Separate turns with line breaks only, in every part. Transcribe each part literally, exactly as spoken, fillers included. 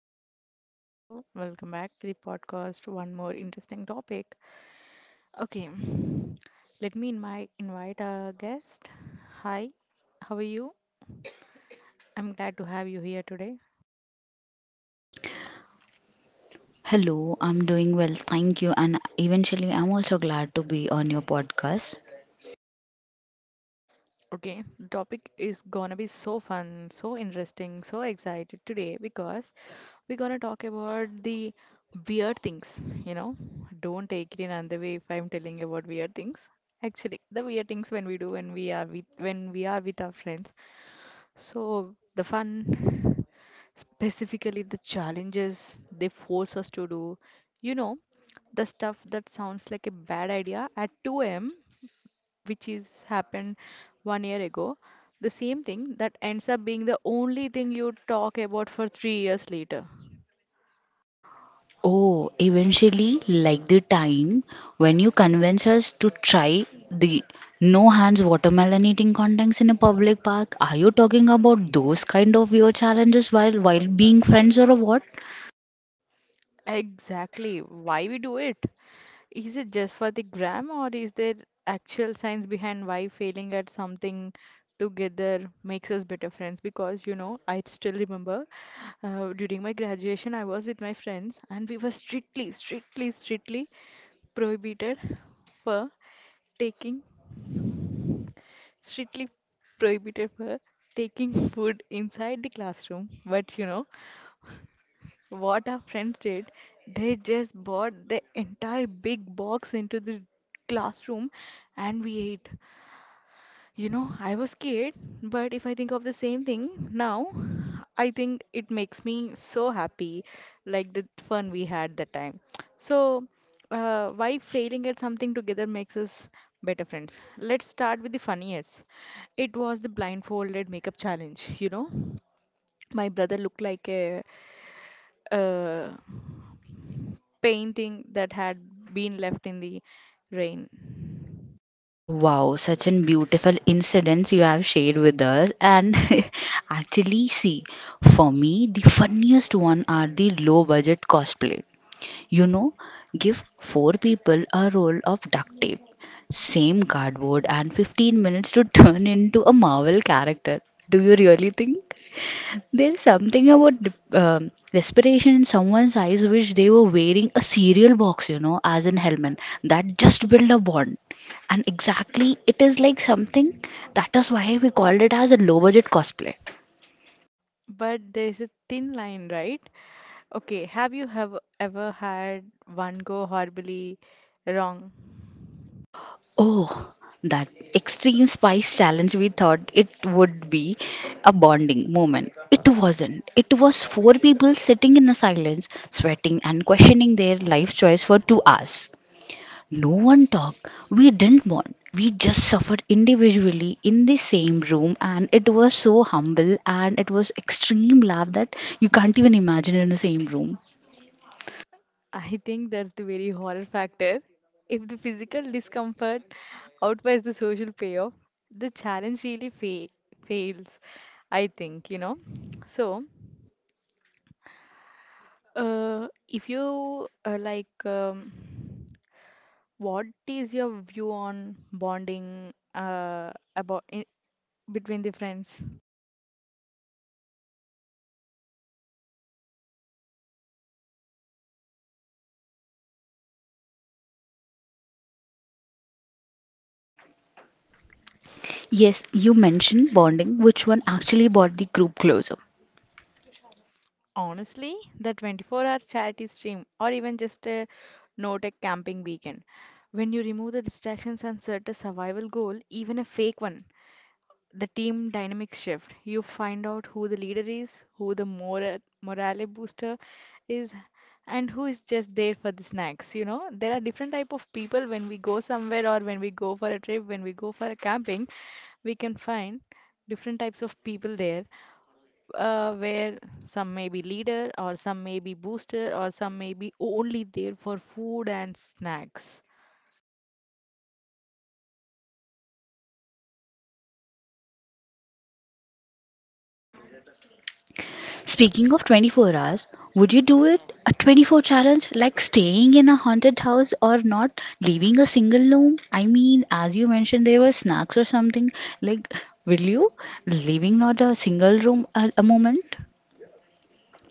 Welcome back to the show. Welcome back to the podcast. One more interesting topic. Okay, let me invite invite our guest. Hi, how are you? I'm glad to have you here today.
Hello, I'm doing well, thank you. And eventually, I'm also glad to be on your podcast.
Okay, the topic is gonna be so fun, so interesting, so excited today because we're gonna talk about the weird things, you know. Don't take it in another way if I'm telling you about weird things. Actually, the weird things when we do when we are with when we are with our friends. So the fun, specifically the challenges they force us to do, you know, the stuff that sounds like a bad idea at two a m a.m, which is happened one year ago, the same thing that ends up being the only thing you talk about for 3 years later.
Oh, eventually, like the time when you convince us to try the no hands watermelon eating contest in a public park. Are you talking about those kind of weird challenges while while being friends or what?
Exactly why we do it, is it just for the gram, or is there actual science behind why failing at something together makes us better friends? Because you know I still remember, uh, during my graduation, I was with my friends, and we were strictly strictly strictly prohibited for taking strictly prohibited for taking food inside the classroom. But you know what our friends did? They just bought the entire big box into the classroom, and we ate. You know, I was scared, but if I think of the same thing now, I think it makes me so happy, like the fun we had that time. So, uh, why failing at something together makes us better friends? Let's start with the funniest. It was the blindfolded makeup challenge, you know. My brother looked like a, a painting that had been left in the rain.
Oh, wow, such an beautiful incidents you have shared with us. And actually, see, for me, the funniest one are the low budget cosplay. You know, give four people a roll of duct tape, same cardboard, and fifteen minutes to turn into a Marvel character. Do you really think? There's something about um, desperation in someone's eyes, which they were wearing a cereal box, you know, as in helmet, that just build a bond. And exactly, it is like something that is why we called it as a low budget cosplay.
But there's a thin line, right? Okay, have you have ever had one go horribly wrong?
Oh, that extreme spice challenge. We thought it would be a bonding moment. It wasn't. It was four people sitting in the silence, sweating and questioning their life choice for two hours. No one talked. We didn't bond. We just suffered individually in the same room, and it was so humble and it was extreme love that you can't even imagine in the same room.
I think that's the very horror factor. If the physical discomfort outweighs the social payoff, the challenge really fa fails, I think, you know. So, uh, if you uh, like, um, what is your view on bonding, uh, about in, between the friends?
Yes, you mentioned bonding, which one actually bought the group closer.
Honestly, the 24-hour charity stream, or even just a no-tech camping weekend. When you remove the distractions and set a survival goal, even a fake one, the team dynamics shift. You find out who the leader is, who the mora morale booster is, and who is just there for the snacks. You know, there are different type of people when we go somewhere, or when we go for a trip, when we go for a camping. We can find different types of people there, uh, where some may be leader, or some may be booster, or some may be only there for food and snacks.
Speaking of twenty-four hours, would you do it? A twenty-four challenge, like staying in a haunted house or not leaving a single room? I mean, as you mentioned, there were snacks or something. Like, will you leaving not a single room a, a moment?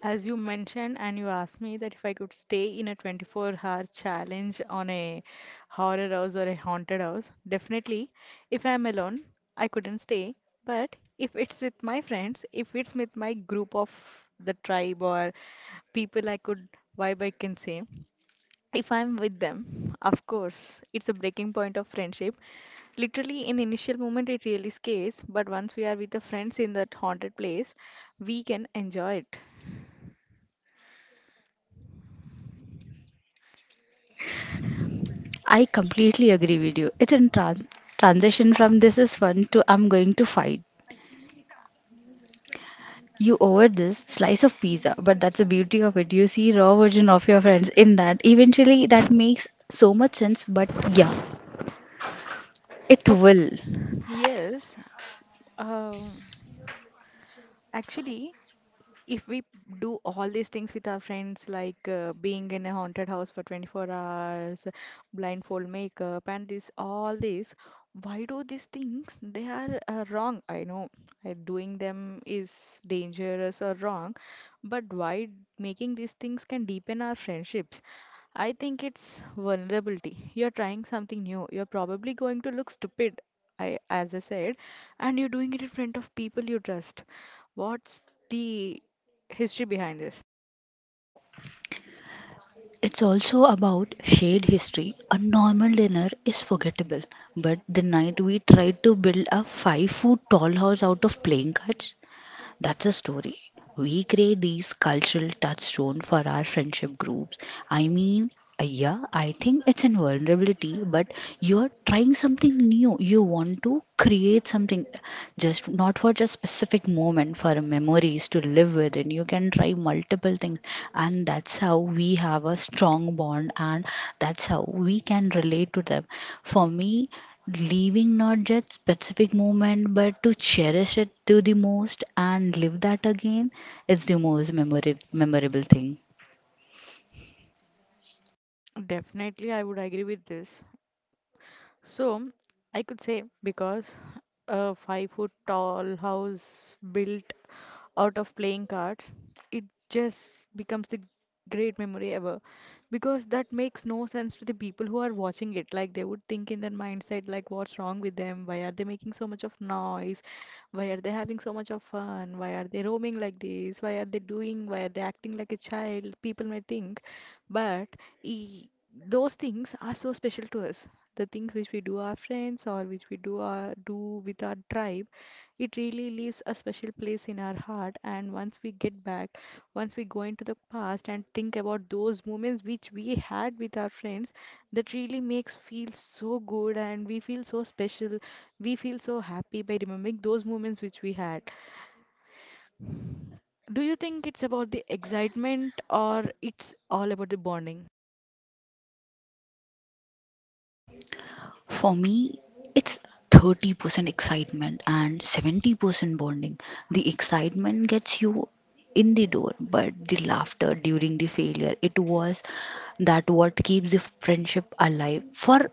As you mentioned, and you asked me that if I could stay in a 24-hour challenge on a horror house or a haunted house, definitely, if I'm alone, I couldn't stay. But if it's with my friends, if it's with my group of the tribe or people I could vibe, I can say, if I'm with them, of course, it's a breaking point of friendship. Literally, in the initial moment, it really scares, but once we are with the friends in that haunted place, we can enjoy it.
I completely agree with you. It's in tran- transition from this is fun to I'm going to fight you over this slice of pizza. But that's the beauty of it. You see raw version of your friends in that, eventually that makes so much sense. But yeah, it
Okay,
will.
yes. Um, actually, if we do all these things with our friends, like uh, being in a haunted house for 24 hours, blindfold makeup, and this all this, why do these things? They are uh, wrong. I know, uh, doing them is dangerous or wrong, but why making these things can deepen our friendships? I think it's vulnerability. You're trying something new. You're probably going to look stupid, I as I said, and you're doing it in front of people you trust. What's the history behind this?
It's also about shared history. A normal dinner is forgettable, but the night we tried to build a five foot tall house out of playing cards, that's a story. We create these cultural touchstone for our friendship groups. I mean, uh, yeah, I think it's in vulnerability, but you're trying something new. You want to create something just not for just specific moment, for memories to live with, and you can try multiple things, and that's how we have a strong bond, and that's how we can relate to them. For me, leaving not just specific moment but to cherish it to the most and live that again, it's the most memori- memorable thing.
Definitely, I would agree with this. So I could say, because a five foot tall house built out of playing cards, it just becomes the great memory ever. Because that makes no sense to the people who are watching it. Like they would think in their mindset, like what's wrong with them? Why are they making so much of noise? Why are they having so much of fun? Why are they roaming like this? Why are they doing? Why are they acting like a child? People may think, but. e, those things are so special to us, the things which we do our friends, or which we do our do with our tribe. It really leaves a special place in our heart. And once we get back, once we go into the past and think about those moments which we had with our friends, that really makes feel so good, and we feel so special, we feel so happy by remembering those moments which we had. Do you think it's about the excitement, or it's all about the bonding?
For me, it's thirty percent excitement and seventy percent bonding. The excitement gets you in the door, but the laughter during the failure, it was that what keeps the friendship alive for.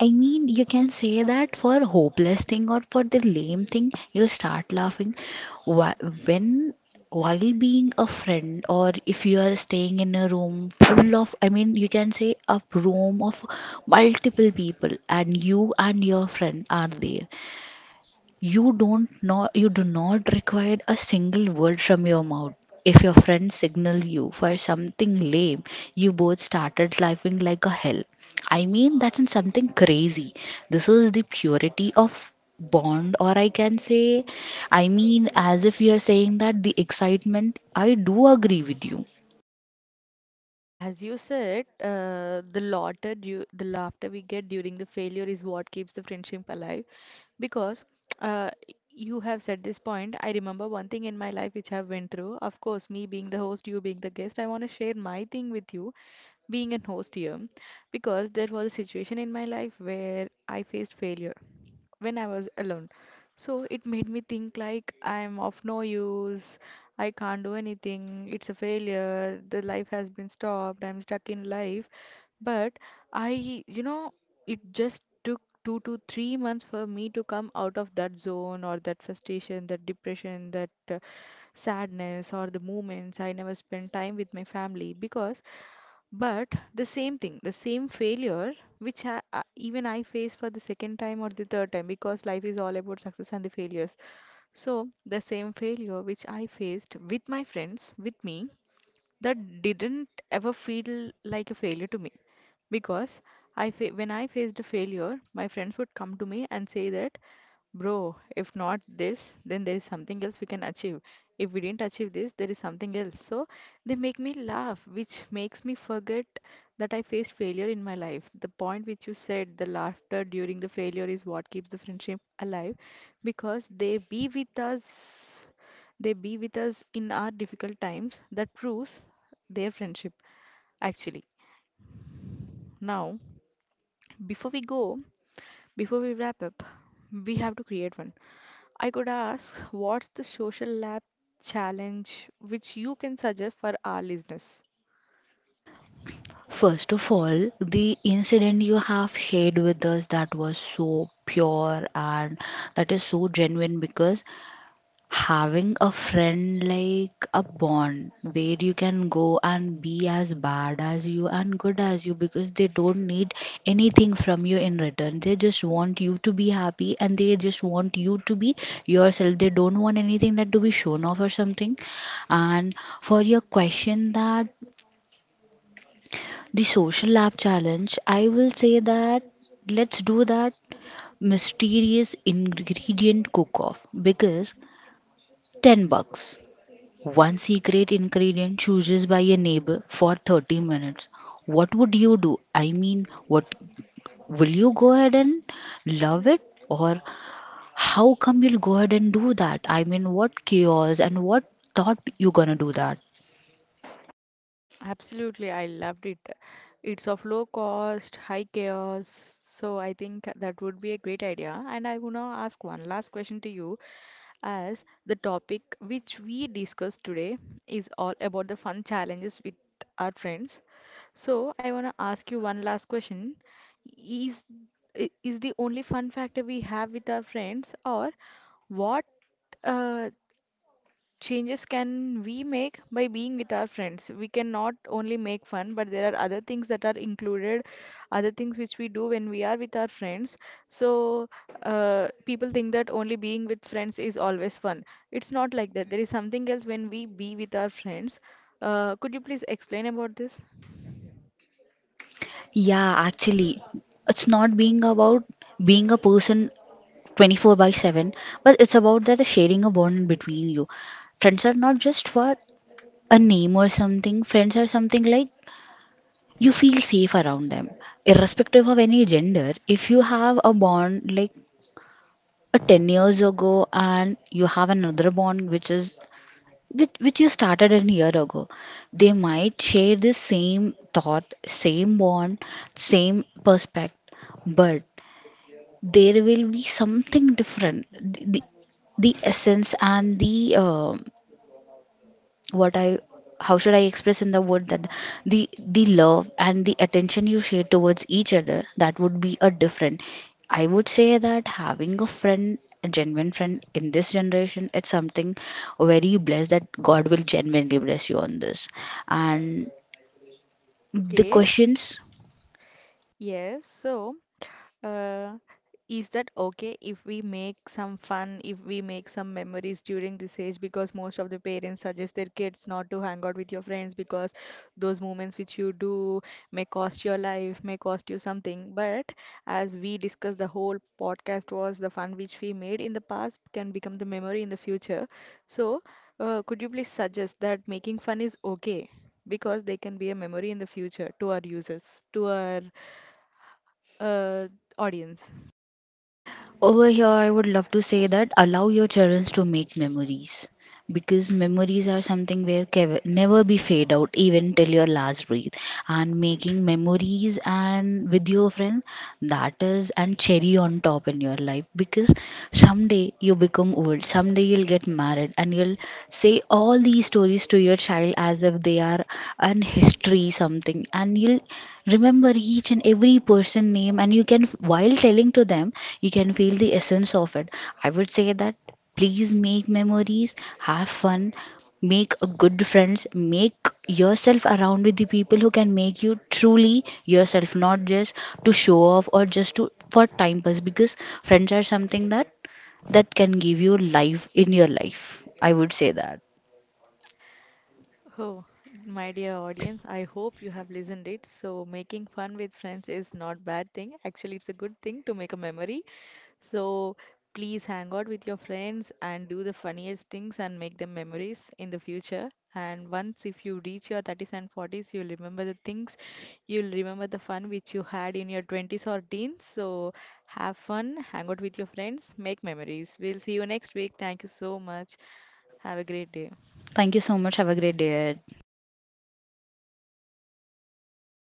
I mean, you can say that for hopeless thing or for the lame thing, you'll start laughing. Wh- When while being a friend, or if you are staying in a room full of, I mean, you can say a room of multiple people, and you and your friend are there. You don't know, you do not require a single word from your mouth. If your friend signal you for something lame, you both started laughing like a hell. I mean, that's in something crazy. This is the purity of bond, or I can say, I mean, as if you are saying that the excitement, I do agree with you.
As you said, uh, the laughter, du- the laughter we get during the failure is what keeps the friendship alive. Because, uh, you have said this point. I remember one thing in my life which I've went through. Of course, me being the host, you being the guest, I want to share my thing with you, being a host here, because there was a situation in my life where I faced failure when I was alone. So it made me think like I'm of no use. I can't do anything. It's a failure. The life has been stopped. I'm stuck in life. But I, you know, it just took two to three months for me to come out of that zone, or that frustration, that depression, that uh, sadness, or the moments I never spent time with my family because, but the same thing, the same failure, which I, I, even I face for the second time or the third time, because life is all about success and the failures. So, the same failure which I faced with my friends, with me, that didn't ever feel like a failure to me. Because I fa- when I faced a failure, my friends would come to me and say that, "Bro, if not this, then there is something else we can achieve. If we didn't achieve this, there is something else." So they make me laugh, which makes me forget that I faced failure in my life. The point which you said, the laughter during the failure is what keeps the friendship alive, because they be with us, they be with us in our difficult times. That proves their friendship, actually. Now, before we go, before we wrap up, we have to create one. I could ask, what's the social lab challenge which you can suggest for our listeners?
First of all, the incident you have shared with us, that was so pure and that is so genuine, because having a friend like a bond where you can go and be as bad as you and good as you, because they don't need anything from you in return, they just want you to be happy and they just want you to be yourself. They don't want anything that to be shown off or something. And for your question, that the social lab challenge, I will say that let's do that mysterious ingredient cook off. Because ten bucks, one secret ingredient chooses by a neighbor for thirty minutes. What would you do? I mean, what will you go ahead and love it, or how come you'll go ahead and do that? I mean, what chaos and what thought you gonna do that?
Absolutely, I loved it. It's of low cost, high chaos. So I think that would be a great idea. And I want to ask one last question to you. As the topic which we discuss today is all about the fun challenges with our friends. So, I want to ask you one last question. Is i- is the only fun factor we have with our friends, or what uh, changes can we make by being with our friends? We can not only make fun, but there are other things that are included, other things which we do when we are with our friends. So, uh, people think that only being with friends is always fun. It's not like that, there is something else when we be with our friends. uh, could you please explain about this?
Yeah, actually, it's not being about being a person twenty-four by seven, but it's about that the sharing a bond between you. Friends are not just for a name or something. Friends are something like you feel safe around them irrespective of any gender. If you have a bond like a ten years ago, and you have another bond which is which, which you started a year ago, they might share the same thought, same bond, same perspective, but there will be something different. The, the, the essence and the um what I, how should I express in the word, that the the love and the attention you share towards each other, that would be a different. I would say that having a friend, a genuine friend in this generation, it's something very blessed that God will genuinely bless you on this. And the
Okay,
questions.
yes. So, Uh, is that okay if we make some fun, if we make some memories during this age? Because most of the parents suggest their kids not to hang out with your friends, because those moments which you do may cost your life, may cost you something. But as we discussed, the whole podcast was the fun which we made in the past can become the memory in the future. So, uh, could you please suggest that making fun is okay, because they can be a memory in the future, to our users, to our uh, audience?
Over here, I would love to say that allow your children to make memories, because memories are something where can never be fade out even till your last breath. And making memories and with your friend, that is and cherry on top in your life, because someday you become old, someday you'll get married, and you'll say all these stories to your child as if they are and history something, and you'll remember each and every person name, and you can while telling to them, you can feel the essence of it. I would say that please make memories, have fun, make a good friends, make yourself around with the people who can make you truly yourself, not just to show off or just to for time pass, because friends are something that that can give you life in your life. I would say that,
Oh, my dear audience, I hope you have listened it. So making fun with friends is not bad thing. Actually, it's a good thing to make a memory. So please hang out with your friends and do the funniest things and make them memories in the future. And once if you reach your thirties and forties, you'll remember the things, you'll remember the fun which you had in your twenties or teens. So have fun, hang out with your friends, make memories. We'll see you next week. Thank you so much. Have a great day.
thank you so much, have a great day.